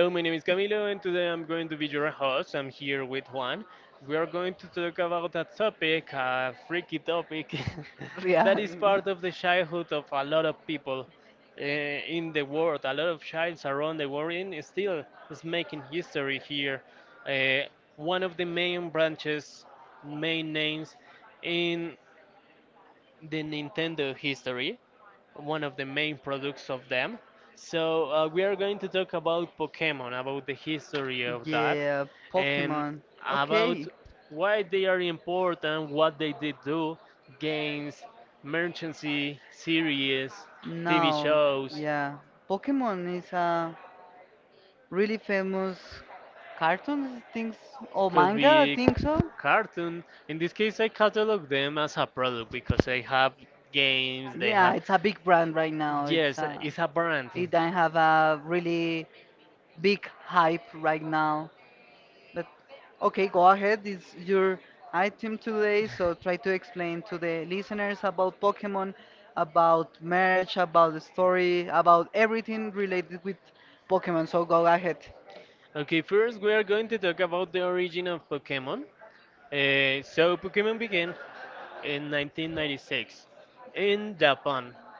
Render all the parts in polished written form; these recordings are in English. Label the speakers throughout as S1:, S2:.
S1: Hello, my name is Camilo, and today I'm going to be your host. I'm here with Juan. We are going to talk about a topic, a freaky topic, that is
S2: Real.
S1: part of the childhood of a lot of people in the world. A lot of childs around the world and still is making history here. Uh, One of the main branches, main names in the Nintendo history, one of the main products of them. So we are going to talk about Pokemon, about the history of that,
S2: Yeah, Pokemon.
S1: and
S2: Okay.
S1: about why they are important, what they did do, games, merchancy, series, TV
S2: Now,
S1: shows,
S2: yeah. Pokemon is a really famous cartoon, I think, or
S1: could
S2: manga, I think
S1: be
S2: so.
S1: cartoon. In this case, I catalog them as a product because they have games, they
S2: Yeah, it's
S1: have
S2: a big brand right now.
S1: yes, it's a brand.
S2: It doesn't have a really big hype right now. But okay, go ahead. It's your item today, so try to explain to the listeners about Pokemon, about merch, about the story, about everything related with Pokemon. So go ahead.
S1: Okay, first we are going to talk about the origin of Pokemon. Pokemon began in 1996 in Japan.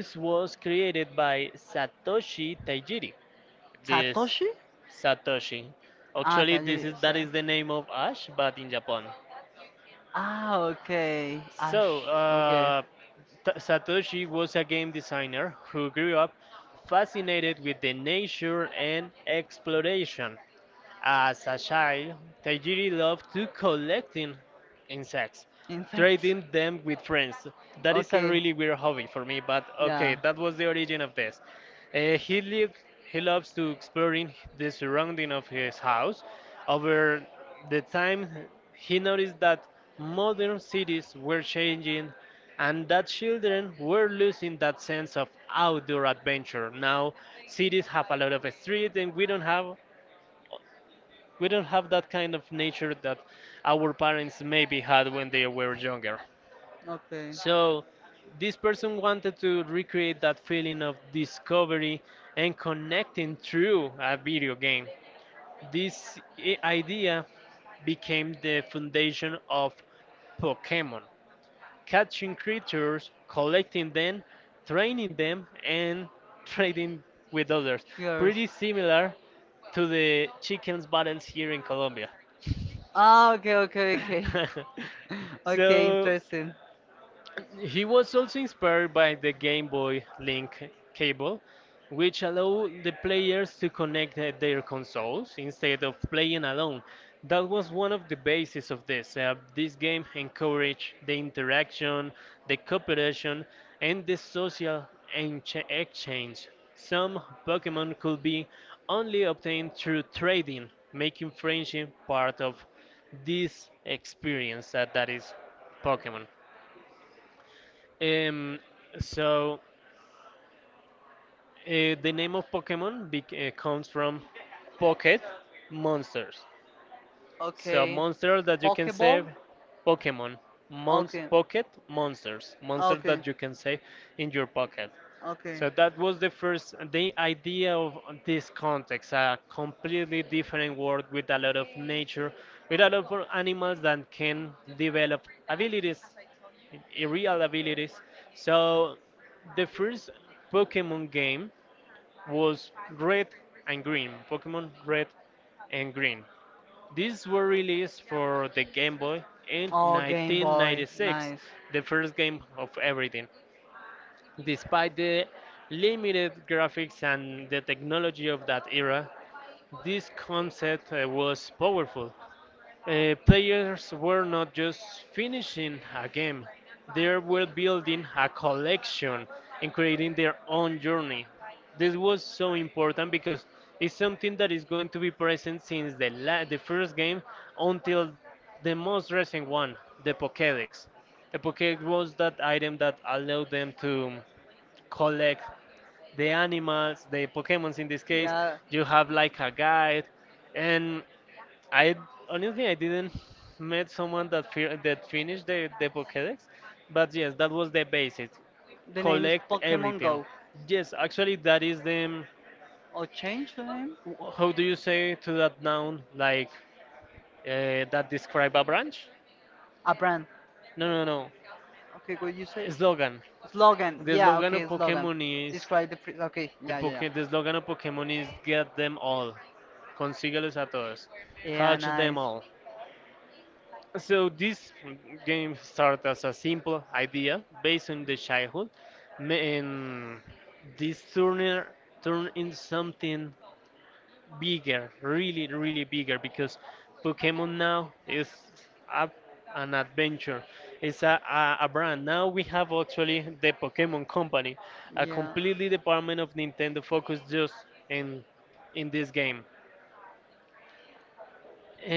S1: This was created by Satoshi Tajiri.
S2: Satoshi?
S1: This Satoshi.
S2: Ah,
S1: Actually,
S2: Tajiri.
S1: this is that is the name of Ash, but in Japan.
S2: Ah, okay. Ash.
S1: So,
S2: Okay.
S1: Satoshi was a game designer who grew up fascinated with the nature and exploration. As a child, Tajiri loved to collecting insects,
S2: Insects.
S1: trading them with friends. That is
S2: Okay.
S1: a really weird hobby for me, but
S2: Yeah.
S1: okay, that was the origin of this. He lived, he loves to exploring the surrounding of his house. Over the time, he noticed that modern cities were changing and that children were losing that sense of outdoor adventure. Now cities have a lot of streets and we don't have that kind of nature that our parents maybe had when they were younger.
S2: Okay.
S1: So this person wanted to recreate that feeling of discovery and connecting through a video game. This idea became the foundation of Pokemon, catching creatures, collecting them, training them, and trading with others.
S2: Yes.
S1: Pretty similar to the chickens battles here in Colombia
S2: Ah, okay, okay, okay.
S1: okay.
S2: Okay, interesting.
S1: He was also inspired by the Game Boy Link cable, which allowed the players to connect their consoles instead of playing alone. That was one of the bases of this. This game encouraged the interaction, the cooperation, and the social exchange. Some Pokemon could be only obtained through trading, making friendship part of this experience that is Pokemon. Um, so uh, the name of Pokemon comes from pocket monsters.
S2: Okay.
S1: So monsters that you can
S2: Pokeball?
S1: save, Pokemon.
S2: Okay.
S1: Mons pocket monsters, monsters
S2: Okay.
S1: that you can save in your pocket.
S2: Okay.
S1: So that was the first the idea of this context, a completely different world with a lot of nature, with a lot of animals that can develop abilities, real abilities. So the first Pokemon game was Red and Green, Pokemon Red and Green. These were released for the Game Boy in
S2: Oh, Game Boy, nice.
S1: 1996, the first game of everything. Despite the limited graphics and the technology of that era, this concept was powerful. Players were not just finishing a game, they were building a collection and creating their own journey. This was so important because it's something that is going to be present since the, the first game until the most recent one, the Pokédex. The Pokédex was that item that allowed them to collect the animals, the Pokémons in this case.
S2: Yeah.
S1: You have like a guide, and I honestly I didn't met someone that that finished the Pokédex, but yes, that was the basic.
S2: Name is like
S1: Collect
S2: Pokemon Go.
S1: everything. Yes, actually that is the
S2: Or change the name?
S1: how do you say to that noun like that describe a branch?
S2: A brand.
S1: No, no, no.
S2: Okay, what you say?
S1: Slogan. The
S2: Yeah,
S1: slogan
S2: okay,
S1: of
S2: slogan.
S1: Pokemon is
S2: Describe the. Okay, yeah,
S1: the,
S2: yeah, yeah.
S1: poke, the slogan of Pokemon is get them all. Consíguelos a todos.
S2: Yeah,
S1: Catch
S2: nice.
S1: them all. So this game started as a simple idea based on the childhood, and this turner turned into something bigger, really, really bigger, because Pokemon now is a, an adventure. It's a brand. Now we have actually the Pokemon Company, a
S2: Yeah.
S1: completely department of Nintendo focused just in in this game.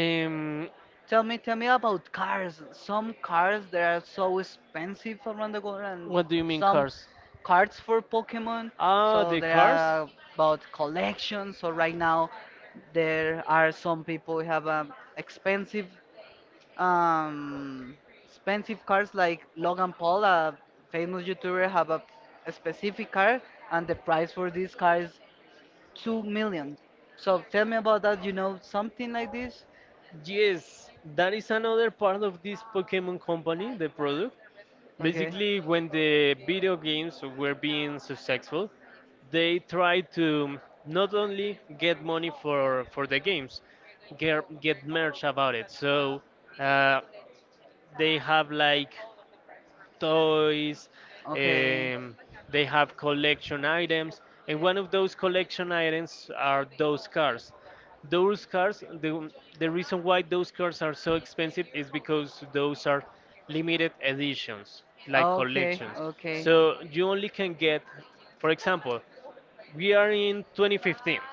S1: Um,
S2: Tell me about cars. Some cars that are so expensive around the world, and
S1: What do you mean
S2: some
S1: cars?
S2: cards for Pokemon. So
S1: Ah, the
S2: there
S1: cars?
S2: are about collections. So right now, there are some people who have expensive, um, expensive cars like Logan Paul, a famous YouTuber, have a specific car, and the price for this car is 2 million. So tell me about that. You know something like this?
S1: Yes, that is another part of this Pokemon company, the product.
S2: Okay.
S1: Basically, when the video games were being successful, they tried to not only get money for the games, get merch about it. So uh, they have like toys,
S2: Okay.
S1: um, they have collection items, and one of those collection items are those cars. Those cars, the reason why those cars are so expensive is because those are limited editions, like
S2: Okay.
S1: collections. So you only can get, for example, we are in 2015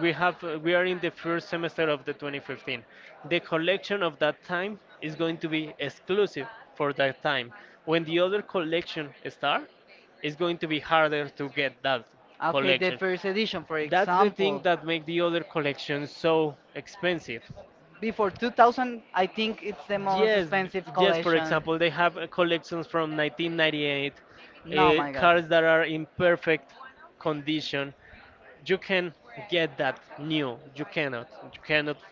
S1: and we have we are in the first semester of the 2015 the collection of that time is going to be exclusive for that time when
S2: Okay.
S1: the other collection start it's going to be harder to get that
S2: Okay, the
S1: collection
S2: first edition, for
S1: that's the
S2: example,
S1: thing that make the other collection so expensive
S2: before 2000, I think it's the most
S1: yes,
S2: expensive
S1: yes. For
S2: collection.
S1: example, they have collections from 1998,
S2: No, my God.
S1: cars that are in perfect condition. You can get that new. You cannot. You cannot.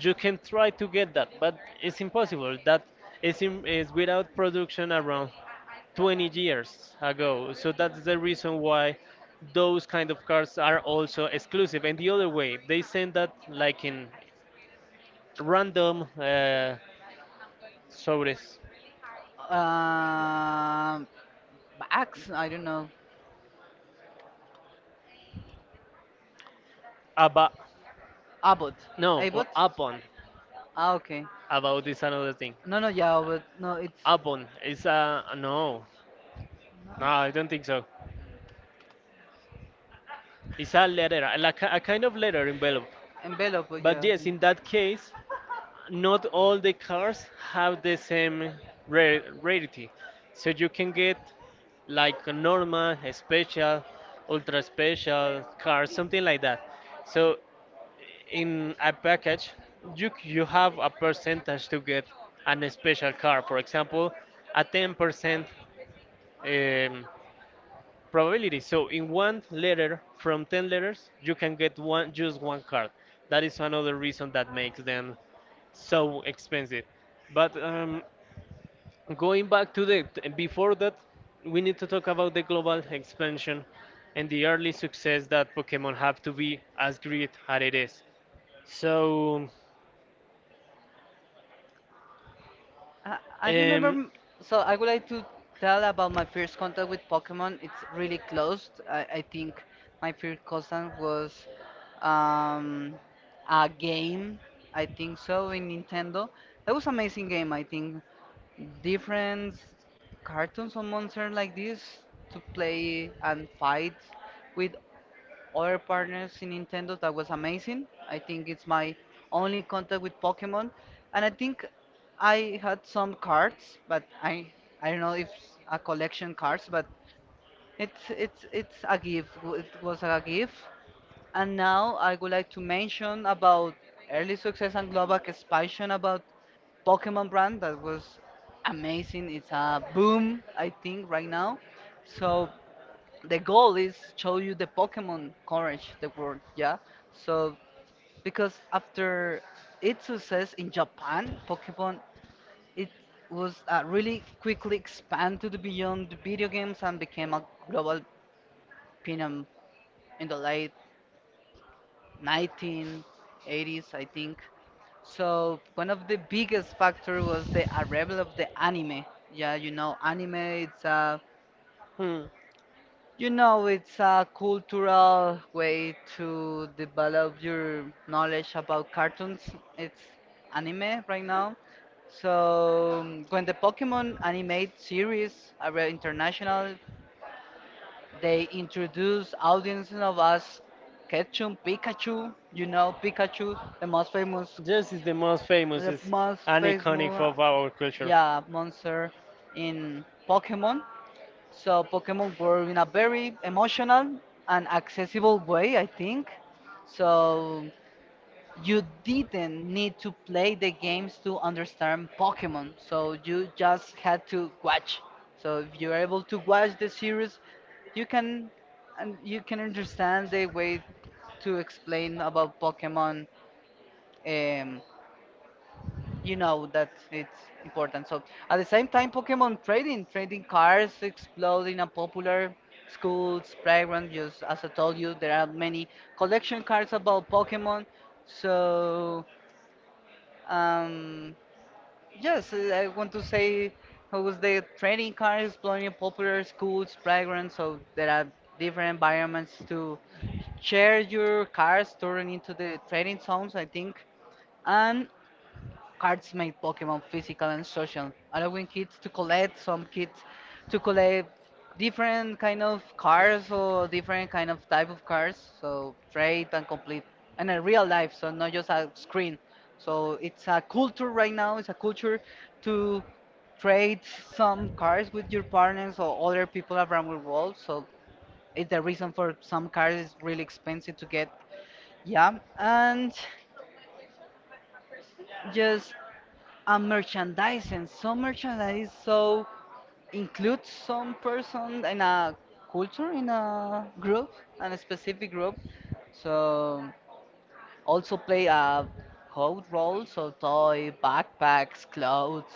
S1: If you can try to get that, but it's impossible. That is in, is without production around 20 years ago. So that's the reason why those kind of cars are also exclusive. And the other way, they send that like in random. Sobres.
S2: Um, Axe, I don't know.
S1: About.
S2: Abbott.
S1: No,
S2: Abbott?
S1: well, upon.
S2: Ah, okay.
S1: About is another thing.
S2: No, no, yeah, but no, it's
S1: Upon. It's a. No. No, I don't think so. It's a letter, like a kind of letter envelope.
S2: envelope, but yeah.
S1: But yes, in that case, not all the cars have the same rarity. So you can get like a normal, a special, ultra special car, something like that. So in a package, you you have a percentage to get an special car. For
S2: Okay.
S1: example, a
S2: From one
S1: 10% um, probability. So in one
S2: letter,
S1: letter
S2: from
S1: from
S2: that
S1: 10 letters,
S2: you
S1: you
S2: can
S1: can get
S2: one
S1: one
S2: to
S1: just one card. That is another reason that makes them so expensive. But going back to the before that, we need to talk about the global expansion and the early success that Pokemon have to be as great as it is. So,
S2: I remember.
S1: um,
S2: So I would like to tell about my first contact with Pokemon. It's really close. I think my first contact was um, a game. I think so in Nintendo. That was amazing game. I think different cartoons or monsters like this to play and fight with other partners in Nintendo. That was amazing. I think it's my only contact with Pokemon, and I think I had some cards, but I don't know if a collection cards, but it's a gift. It was a gift, and now I would like to mention about early success and global expansion about Pokemon brand that was amazing. It's a boom, I think, right now. So the goal is show you the Pokemon courage the world, yeah. So because after its success in Japan, Pokemon it was really quickly expanded to the beyond the video games and became a global phenomenon in the late 1980s, I think. So one of the biggest factor was the arrival of the anime. Yeah, you know, anime. It's a You know, it's a cultural way to develop your knowledge about cartoons. It's anime right now. So, when the Pokemon anime series are international, they
S1: hmm.
S2: introduce audiences of us Ketchum Pikachu. You know, Pikachu, the most famous,
S1: This is the most
S2: the
S1: famous is
S2: most
S1: and iconic
S2: famous,
S1: of our culture.
S2: yeah, monster in Pokemon. So Pokemon were in a very emotional and accessible way, I think. So you didn't need to play the games to understand Pokemon. So you just had to watch. So if you're able to watch the series, you can and you can understand the way to explain about Pokemon um, you know that it's important. So at the same time, Pokemon trading cards explode in a popular schools, playground. Just as I told you, there are many collection cards about Pokemon. So um, yes, I want to say it was the trading cards exploring popular schools, playgrounds. So there are different environments to share your cards, turn into the trading zones, I think. And cards made Pokemon physical and social, allowing kids to collect some kids to collect different kind of cards or different kind of type of cards. So trade and complete and in real life, so not just a screen. So it's a culture right now. It's a culture to trade some cards with your partners or other people around the world. So it's the reason for some cards is really expensive to get. Yeah, and just and merchandising. Some merchandise so includes some person in a culture, in a group, in a specific group. So also play a code role. So toy, backpacks, clothes,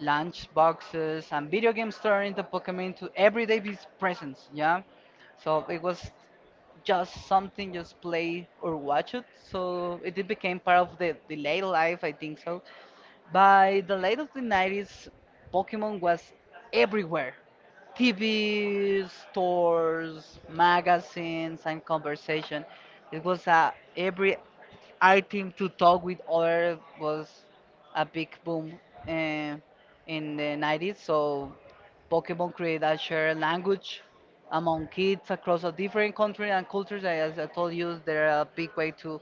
S2: lunch boxes, and video games turn into Pokemon into everyday presence. Yeah. So it was just something just play or watch it, so it did became part of the later life, I think. So by the late of the 90s, Pokemon was everywhere. TV, stores, magazines, and conversation. It was a every item to talk with other was a big boom uh, in the 90s. So Pokemon created a shared language among kids across a different country and cultures. And as I told you, they're a big way to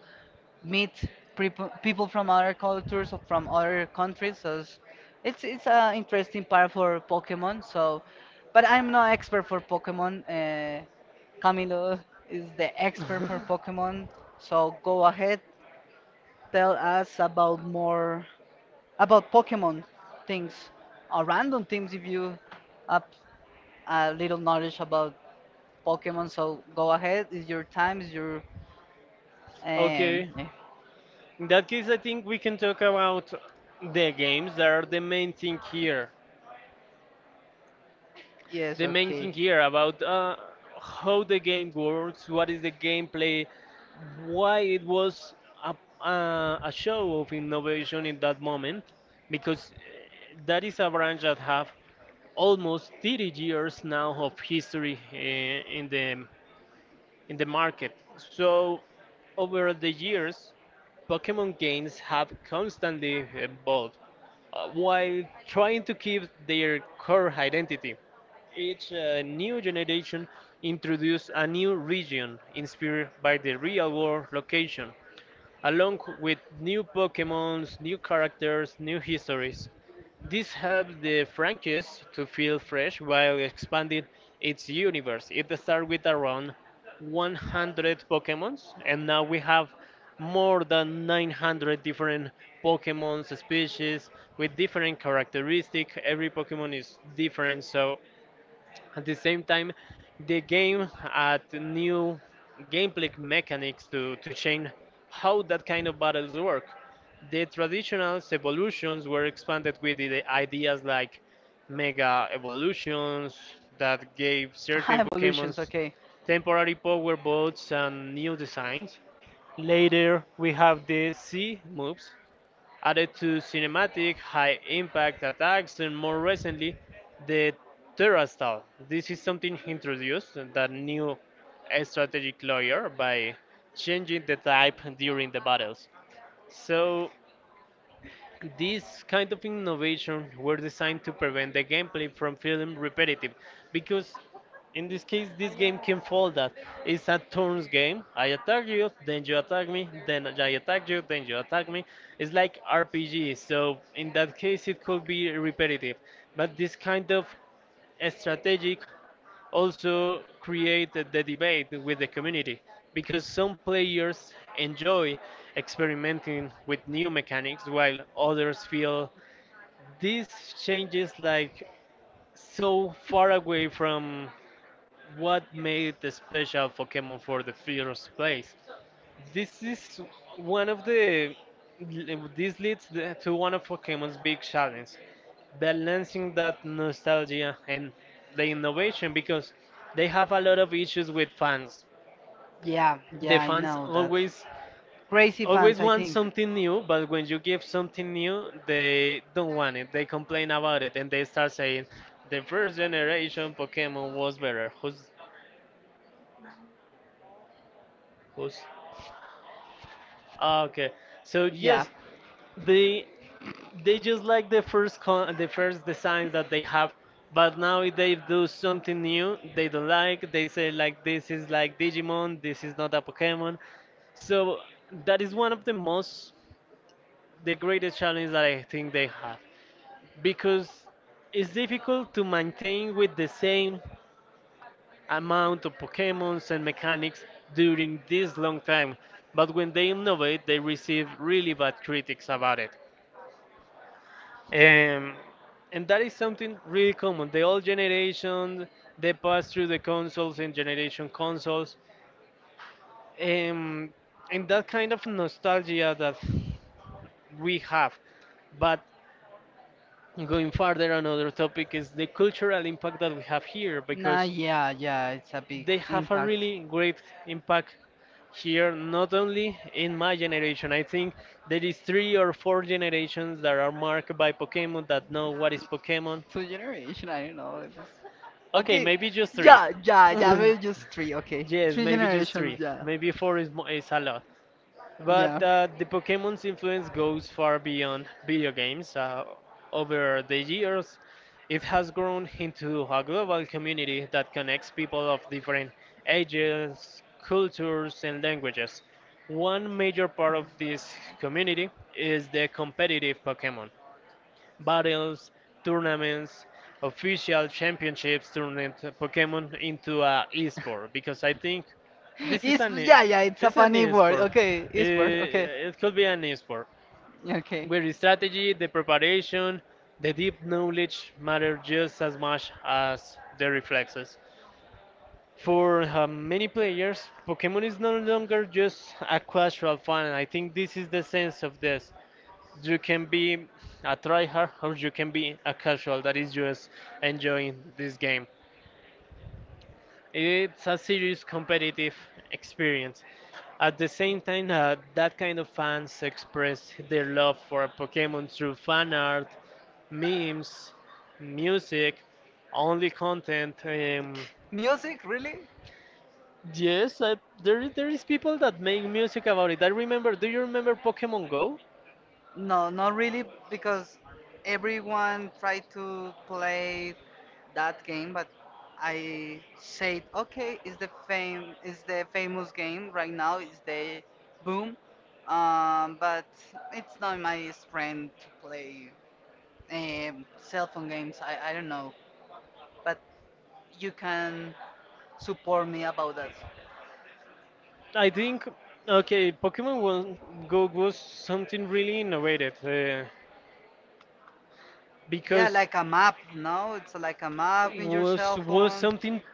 S2: meet people from other cultures or from other countries. So it's it's an interesting part for Pokemon. So, but I'm not expert for Pokemon. Camilo is the expert for Pokemon. So go ahead, tell us about more about Pokemon things or random things if you have a little knowledge about Pokemon. So go ahead, it's your time, it's your um.
S1: Okay.
S2: eh,
S1: In that case, I think we can talk about the games that are the main thing here.
S2: Yes,
S1: The main
S2: okay.
S1: thing here about how the game works, what is the gameplay, why it was a, a show of innovation in that moment, because that is a branch that have almost 30 years now of history in the market. So
S2: The
S1: over
S2: new
S1: the
S2: series has
S1: years,
S2: constantly evolved, while trying to
S1: Pokemon games have
S2: maintain its
S1: constantly
S2: originality. It
S1: evolved while trying to keep their core identity. Each new
S2: introduces a new
S1: generation introduces a new
S2: vision
S1: region inspired
S2: experienced by
S1: by
S2: the
S1: the real
S2: viewer from
S1: world
S2: the face,
S1: location
S2: along
S1: along with
S2: with new
S1: new
S2: backgrounds and
S1: Pokemons, new
S2: characters.
S1: characters, new
S2: This is
S1: histories.
S2: the first major
S1: This helps the
S2: expansion
S1: franchise to
S2: in
S1: feel
S2: its history.
S1: fresh while expanding
S2: Its
S1: its
S2: universe
S1: universe. It
S2: will start
S1: started
S2: with
S1: with around
S2: a launch.
S1: 100 Pokemons, and now we have more than 900 different Pokemon species with different characteristics. Every Pokemon is different, so at the same time, the game add new gameplay mechanics to change how that kind of battles work. The traditional evolutions were expanded with the ideas like mega evolutions that gave certain
S2: Evolutions,
S1: Pokemons
S2: okay.
S1: temporary power boats and new designs. Later, we have the C moves added to cinematic high impact attacks and more recently the terastal this is something introduced that new strategic layer by changing the type during the battles so these kind of innovation were designed to prevent the gameplay from feeling repetitive, because in this case, this game can fall that it's a turns game. I attack you, then you attack me, then I attack you, then you attack me. It's like RPG, so in that case, it could be repetitive. But this kind of strategic also create the debate with the community because some players enjoy experimenting with new mechanics while others feel these changes like so far away from what made the special Pokemon for the first place. This is one of the. This leads to one of Pokemon's big challenges, balancing that nostalgia and the innovation because they have a lot of issues with fans.
S2: Yeah, yeah,
S1: The
S2: I
S1: fans
S2: know that.
S1: always
S2: Crazy fans,
S1: always
S2: I
S1: want
S2: think.
S1: something new, but when you give something new, they don't want it. They complain about it and they start saying the first generation Pokemon was better. Who's? Ah, okay. So
S2: Yeah.
S1: yes, they they just like the first the first designs that they have but now if they do something new they don't like they say like this is like digimon this is not a pokemon so that is one of the most the greatest challenge that I think they have because it's difficult to maintain with the same amount of pokemons and mechanics during this long time but when they innovate they receive really bad critics about it. Um, and that is something really common. The old generation, they pass through the consoles and generation consoles, um, and that kind of nostalgia that we have. But going further, another topic is the cultural impact that we have here,
S2: Nah,
S1: because
S2: yeah, yeah, it's a big
S1: they have a
S2: impact.
S1: really great impact here, not only in my generation. I think there is three or four generations that are marked by Pokemon that know what is Pokemon.
S2: Two generation, I don't know. It was...
S1: Okay,
S2: Okay,
S1: maybe just three.
S2: yeah, yeah, yeah, maybe just three, okay.
S1: Yes,
S2: Three
S1: maybe just
S2: generations,
S1: three.
S2: yeah,
S1: Maybe four is, is a lot.
S2: yeah.
S1: But the Pokemon's influence goes far beyond video games. Over the years, it has grown into a global community that connects people of different ages, cultures, and languages. One major part of this community is the competitive Pokemon, battles, tournaments, official championships, turning Pokemon into a esport because I think this is an e-
S2: Yeah, yeah, it's a
S1: it's an
S2: funny word,
S1: esport.
S2: okay, it's word, okay,
S1: It could be an esport
S2: okay.
S1: where the strategy, the preparation, the deep knowledge matter just as much as the reflexes. For many players, Pokemon is no longer just a casual fun. I think this is the sense of this. You can be a tryhard or you can be a casual that is just enjoying this game. It's a serious competitive experience. At the same time, that kind of fans express their love for Pokemon through fan art, memes, music, only content.
S2: Music, really?
S1: Yes, I, there is people that make music about it. I remember. Do you remember Pokemon Go?
S2: No, not really, because everyone tried to play that game, but I said, okay, it's the fame, it's the famous game right now, it's the boom, but it's not my strength to play cell phone games. I don't know, but you can support me about that.
S1: I think, okay, Pokemon One Go was something really innovative, yeah,
S2: Yeah,
S1: because
S2: like a map, no? It's like a map in your cell
S1: was
S2: phone.
S1: something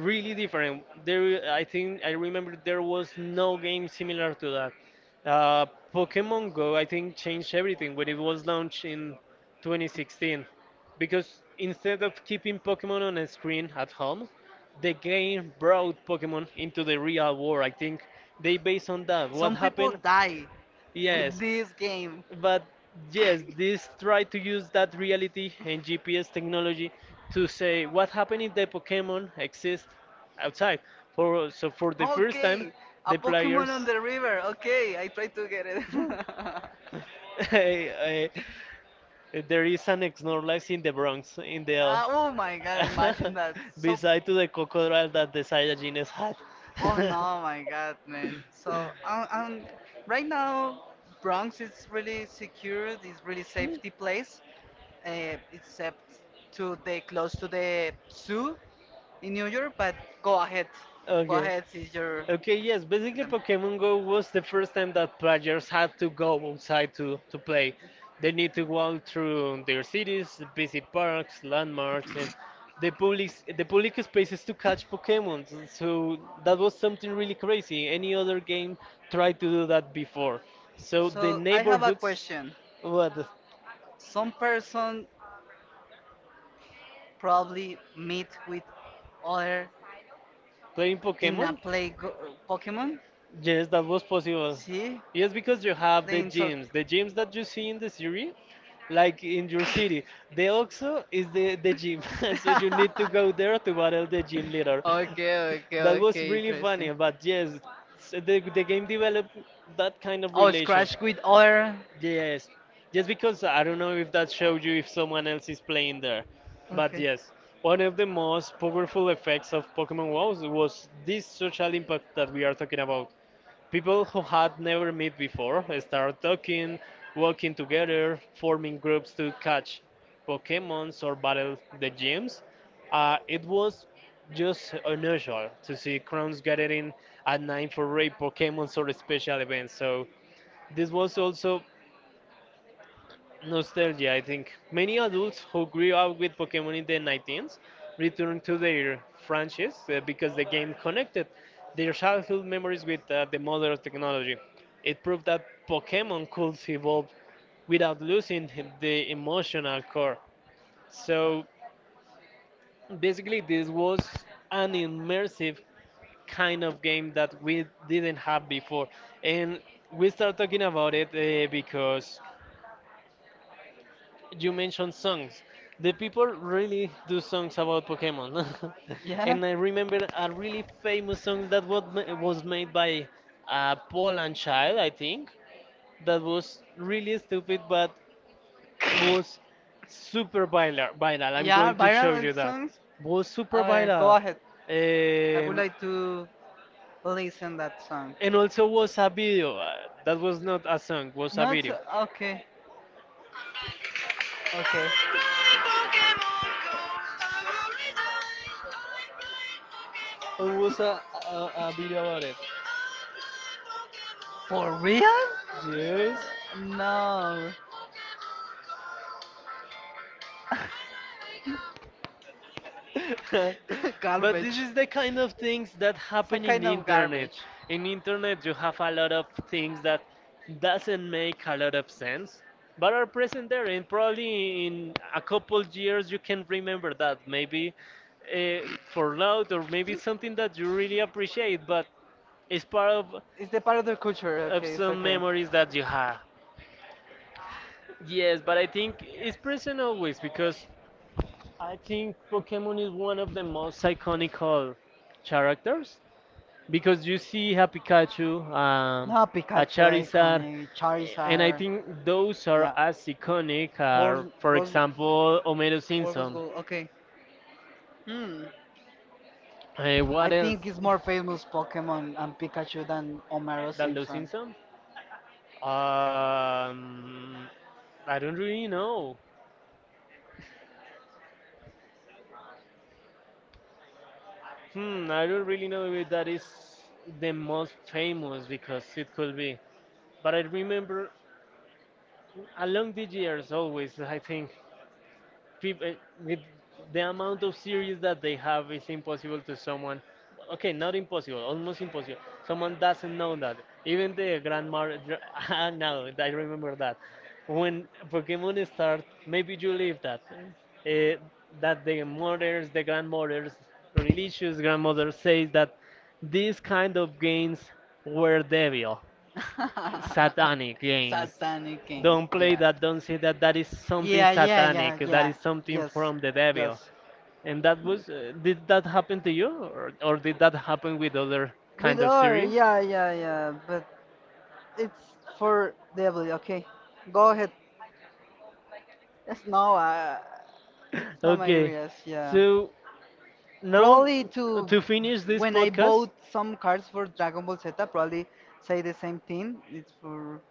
S1: really different. There, I think I remember there was no game similar to that. Uh, Pokemon Go, I think, changed everything when it was launched in 2016, because instead of keeping Pokemon on a screen at home, the game brought Pokemon into the real world. I think they based on that. What
S2: They,
S1: happened?
S2: die
S1: In
S2: yes, yes,
S1: yes,
S2: this game.
S1: but yes, this try to use that reality and GPS technology to say what happened if the Pokemon exist outside. For so for the first time,
S2: Okay, a
S1: the
S2: Pokemon
S1: players.
S2: on the river. Okay, I try to get it.
S1: Eh, there is an Snorlax in the Bronx, in the
S2: Ah, oh
S1: L.
S2: my god, imagine that. So,
S1: Beside to the crocodile that the Saiyajin had.
S2: oh no, my god, man. So, right now, Bronx is really secure. It's really safety place, except to the close to the zoo in New York. But go ahead, go
S1: Okay.
S2: ahead. Is your
S1: Okay, yes, basically Pokemon Go was the first time that players had to go outside to play. They need to
S2: um,
S1: walk through their cities, visit parks, landmarks, and the public the public spaces to catch Pokemon. So that was something really crazy. Any other game tried to do that before. So the
S2: so I have a
S1: neighborhoods,
S2: question.
S1: play what,
S2: Some person probably meet with other
S1: playing
S2: in a
S1: Pokemon?
S2: play Pokemon.
S1: Yes, that was possible.
S2: See,
S1: Yes, because you have
S2: playing so.
S1: the gyms that you see in the series, like in your city. The OXXO is the gym, so you need to go there to battle the gym leader.
S2: Okay, okay,
S1: That was
S2: okay,
S1: really
S2: interesting.
S1: funny, but yes, so the game developed that kind of
S2: Oh,
S1: relation.
S2: scratch with other.
S1: Yes. Just because I don't know if that shows you if someone else is playing there. But
S2: Okay.
S1: yes, one of the most powerful effects of Pokemon WoW was this social impact that we are talking about. People who had never met before started talking, working together, forming groups to catch Pokemons or battle the gyms. It was just unusual to see crowds gathering at night for raid Pokemons or special events. So this was also nostalgia, I think. Many adults who grew up with Pokemon in the 19s returned to their franchise because the game connected their childhood memories with the modern technology. It proved that Pokemon could evolve without losing the emotional core. So basically, this was an immersive kind of game that we didn't have before. And we start talking about it because you mentioned songs. The people really do songs about Pokemon.
S2: Yeah.
S1: And I remember a really famous song that was, was made by a Poland child, I think, that was really stupid but was super viral. Viral. I'm
S2: Yeah,
S1: going
S2: think,
S1: to show
S2: viral
S1: you that.
S2: songs.
S1: Was
S2: A
S1: super
S2: ver, go
S1: viral.
S2: ahead. I would
S1: Um,
S2: like to listen that song.
S1: and also was a video. That was not a song, was a video.
S2: Okay. Okay.
S1: It was a video about it.
S2: For
S1: For
S2: real?
S1: real? Yes.
S2: No.
S1: But this
S2: Garbage.
S1: is the kind of things that
S2: It's a
S1: happen in
S2: kind of
S1: internet.
S2: garbage.
S1: In internet you have a lot of things that doesn't make a lot of sense but are present there, and probably in a couple years you can remember that, maybe uh, for loud or maybe something that you really appreciate, but it's part
S2: It's the part of the culture.
S1: of
S2: Okay, it's
S1: some
S2: okay.
S1: memories that you have. Yes, but I think it's present always, because I think Pokemon is one of the most iconical characters, because you see a Pikachu,
S2: No,
S1: a
S2: Pikachu,
S1: Charizard,
S2: iconic.
S1: and I
S2: Charizard.
S1: think those are
S2: Yeah.
S1: as iconic
S2: Bros,
S1: are, for
S2: Bros,
S1: example, Homero
S2: Warbles
S1: Simpson.
S2: Gold. Okay. Hmm. I
S1: What else
S2: think it's more famous Pokemon and Pikachu than Homero
S1: than those
S2: Simpson.
S1: Simpson? Um, I don't really know. Hmm, I don't really know if that is the most famous, because it could be. But I remember along the years always I think people, with the amount of series that they have, it's impossible to someone, okay, not impossible, almost impossible, someone doesn't know that. Even the grandma. Ah, now I remember that when Pokemon start, maybe you leave that, that the mothers, the grandmothers, religious grandmothers says that these kind of games were devil satanic games.
S2: Satanic King.
S1: Don't play
S2: Yeah.
S1: that, don't say that. That is something
S2: Yeah, yeah, yeah,
S1: satanic. Yeah. That
S2: yeah.
S1: is something
S2: Yes,
S1: from the devil.
S2: yes.
S1: And that was, did that happen to you? Or did that happen with other
S2: With
S1: kind of
S2: R,
S1: series?
S2: yeah, yeah, yeah. But it's for devil, okay? Go ahead. Yes, no, it's not my
S1: Okay,
S2: areas, yeah.
S1: so now
S2: Probably to
S1: to finish this
S2: when I
S1: podcast
S2: bought some cards for Dragon Ball Z, probably say the same thing. It's for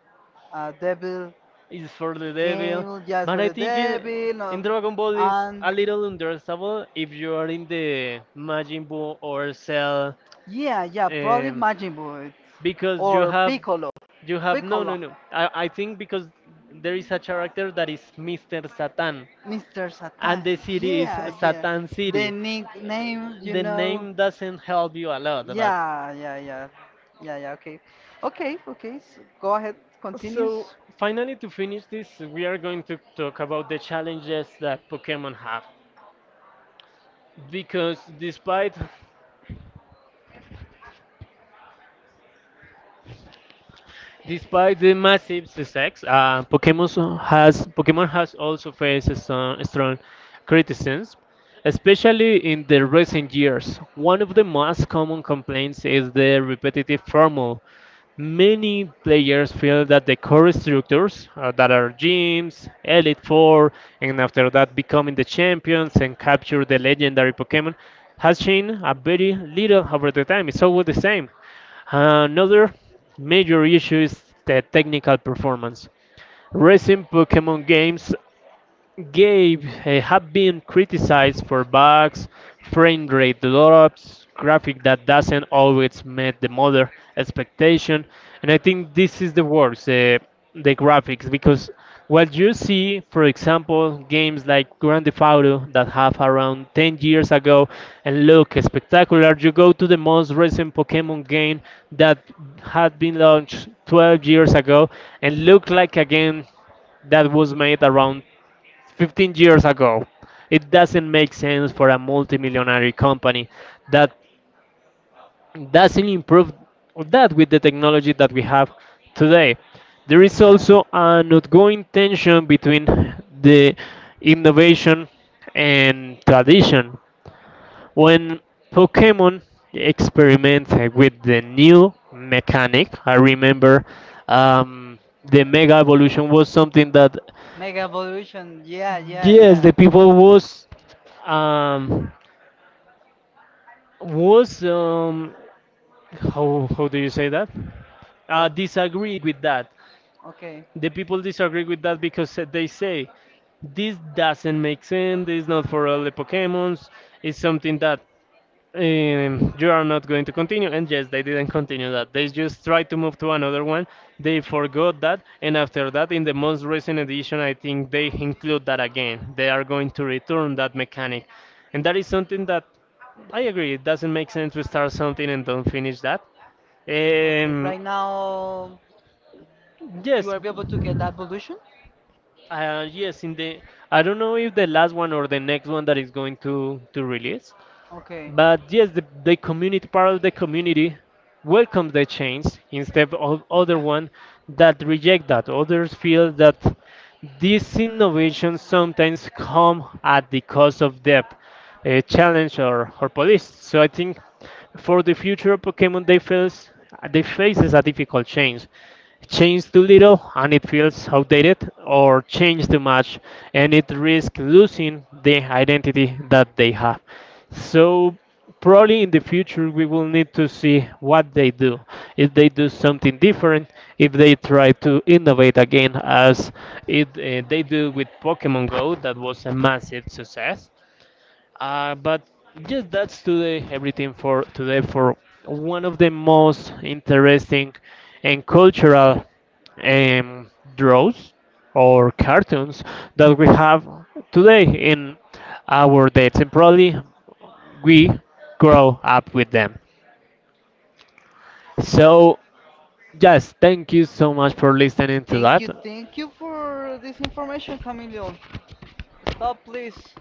S2: devil
S1: is for the devil,
S2: game, just
S1: but
S2: for
S1: I
S2: the
S1: think
S2: devil,
S1: in Dragon Ball is
S2: and
S1: a little understandable if you are in the Majin Buu or Cell.
S2: yeah, yeah, probably
S1: um,
S2: Majin Buu
S1: because you
S2: or
S1: have
S2: Piccolo,
S1: no Piccolo, no Piccolo. No, I, I think because there is a character that is Mr. Satan
S2: Mr.
S1: and
S2: Satan.
S1: the city is
S2: Yeah, yeah,
S1: Satan City.
S2: the nickname, you
S1: The
S2: know.
S1: name doesn't help you a lot, but
S2: Yeah, yeah, yeah.
S1: yeah.
S2: Yeah, yeah, okay. Okay, okay. s Go ahead,
S1: So
S2: continues.
S1: finally to finish this, we are going to talk about the challenges that Pokemon have because despite the massive success, Pokemon has also faced some strong criticism, especially in the recent years. One of the most common complaints is the repetitive formula. Many players feel that the core structures, that are gyms, Elite Four, and after that becoming the champions and capture the legendary Pokemon, has changed a very little over the time. It's always the same. Another major issue is the technical performance. Recent Pokemon games have been criticized for bugs, frame rate drops, graphic that doesn't always meet the model expectation, and I think this is the worst, the graphics, because what you see, for example, games like Grand Theft Auto that have around 10 years ago and look spectacular, you go to the most recent Pokemon game that had been launched 12 years ago and look like a game that was made around 15 years ago. It doesn't make sense for a multimillionaire company that doesn't improve that with the technology that we have today. There is also an ongoing tension between the innovation and tradition. When Pokemon experimented with the new mechanic, I remember, um, the Mega Evolution was something that,
S2: Mega Evolution. Yeah, yeah,
S1: yes,
S2: yeah.
S1: the people was, um was, how do you say that? Disagree with that.
S2: Okay.
S1: The people disagree with that because they say this doesn't make sense. It's not for all the Pokemons. It's something that you are not going to continue. And yes, they didn't continue that. They just tried to move to another one. They forgot that. And after that, in the most recent edition, I think they include that again. They are going to return that mechanic. And that is something that I agree. It doesn't make sense to start something and don't finish that.
S2: Okay,
S1: Um,
S2: right now, you
S1: yes.
S2: are able to get that evolution?
S1: Yes, in the, I don't know if the last one or the next one that is going to release.
S2: Okay.
S1: But yes, the community, part of the community, welcomes the change instead of other one that reject that. Others feel that these innovations sometimes come at the cost of depth, challenge, or police. So I think for the future of Pokemon, they faces a difficult change. Change too little and it feels outdated, or change too much and it risks losing the identity that they have. So probably in the future we will need to see what they do, if they do something different, if they try to innovate again as it, they do with Pokemon Go that was a massive success, but yes, that's today everything for today for one of the most interesting and cultural, um, draws or cartoons that we have today in our dates, and probably we grow up with them. So, yes, thank you so much for listening to that.
S2: Thank you for this information, Camilo. Stop, please.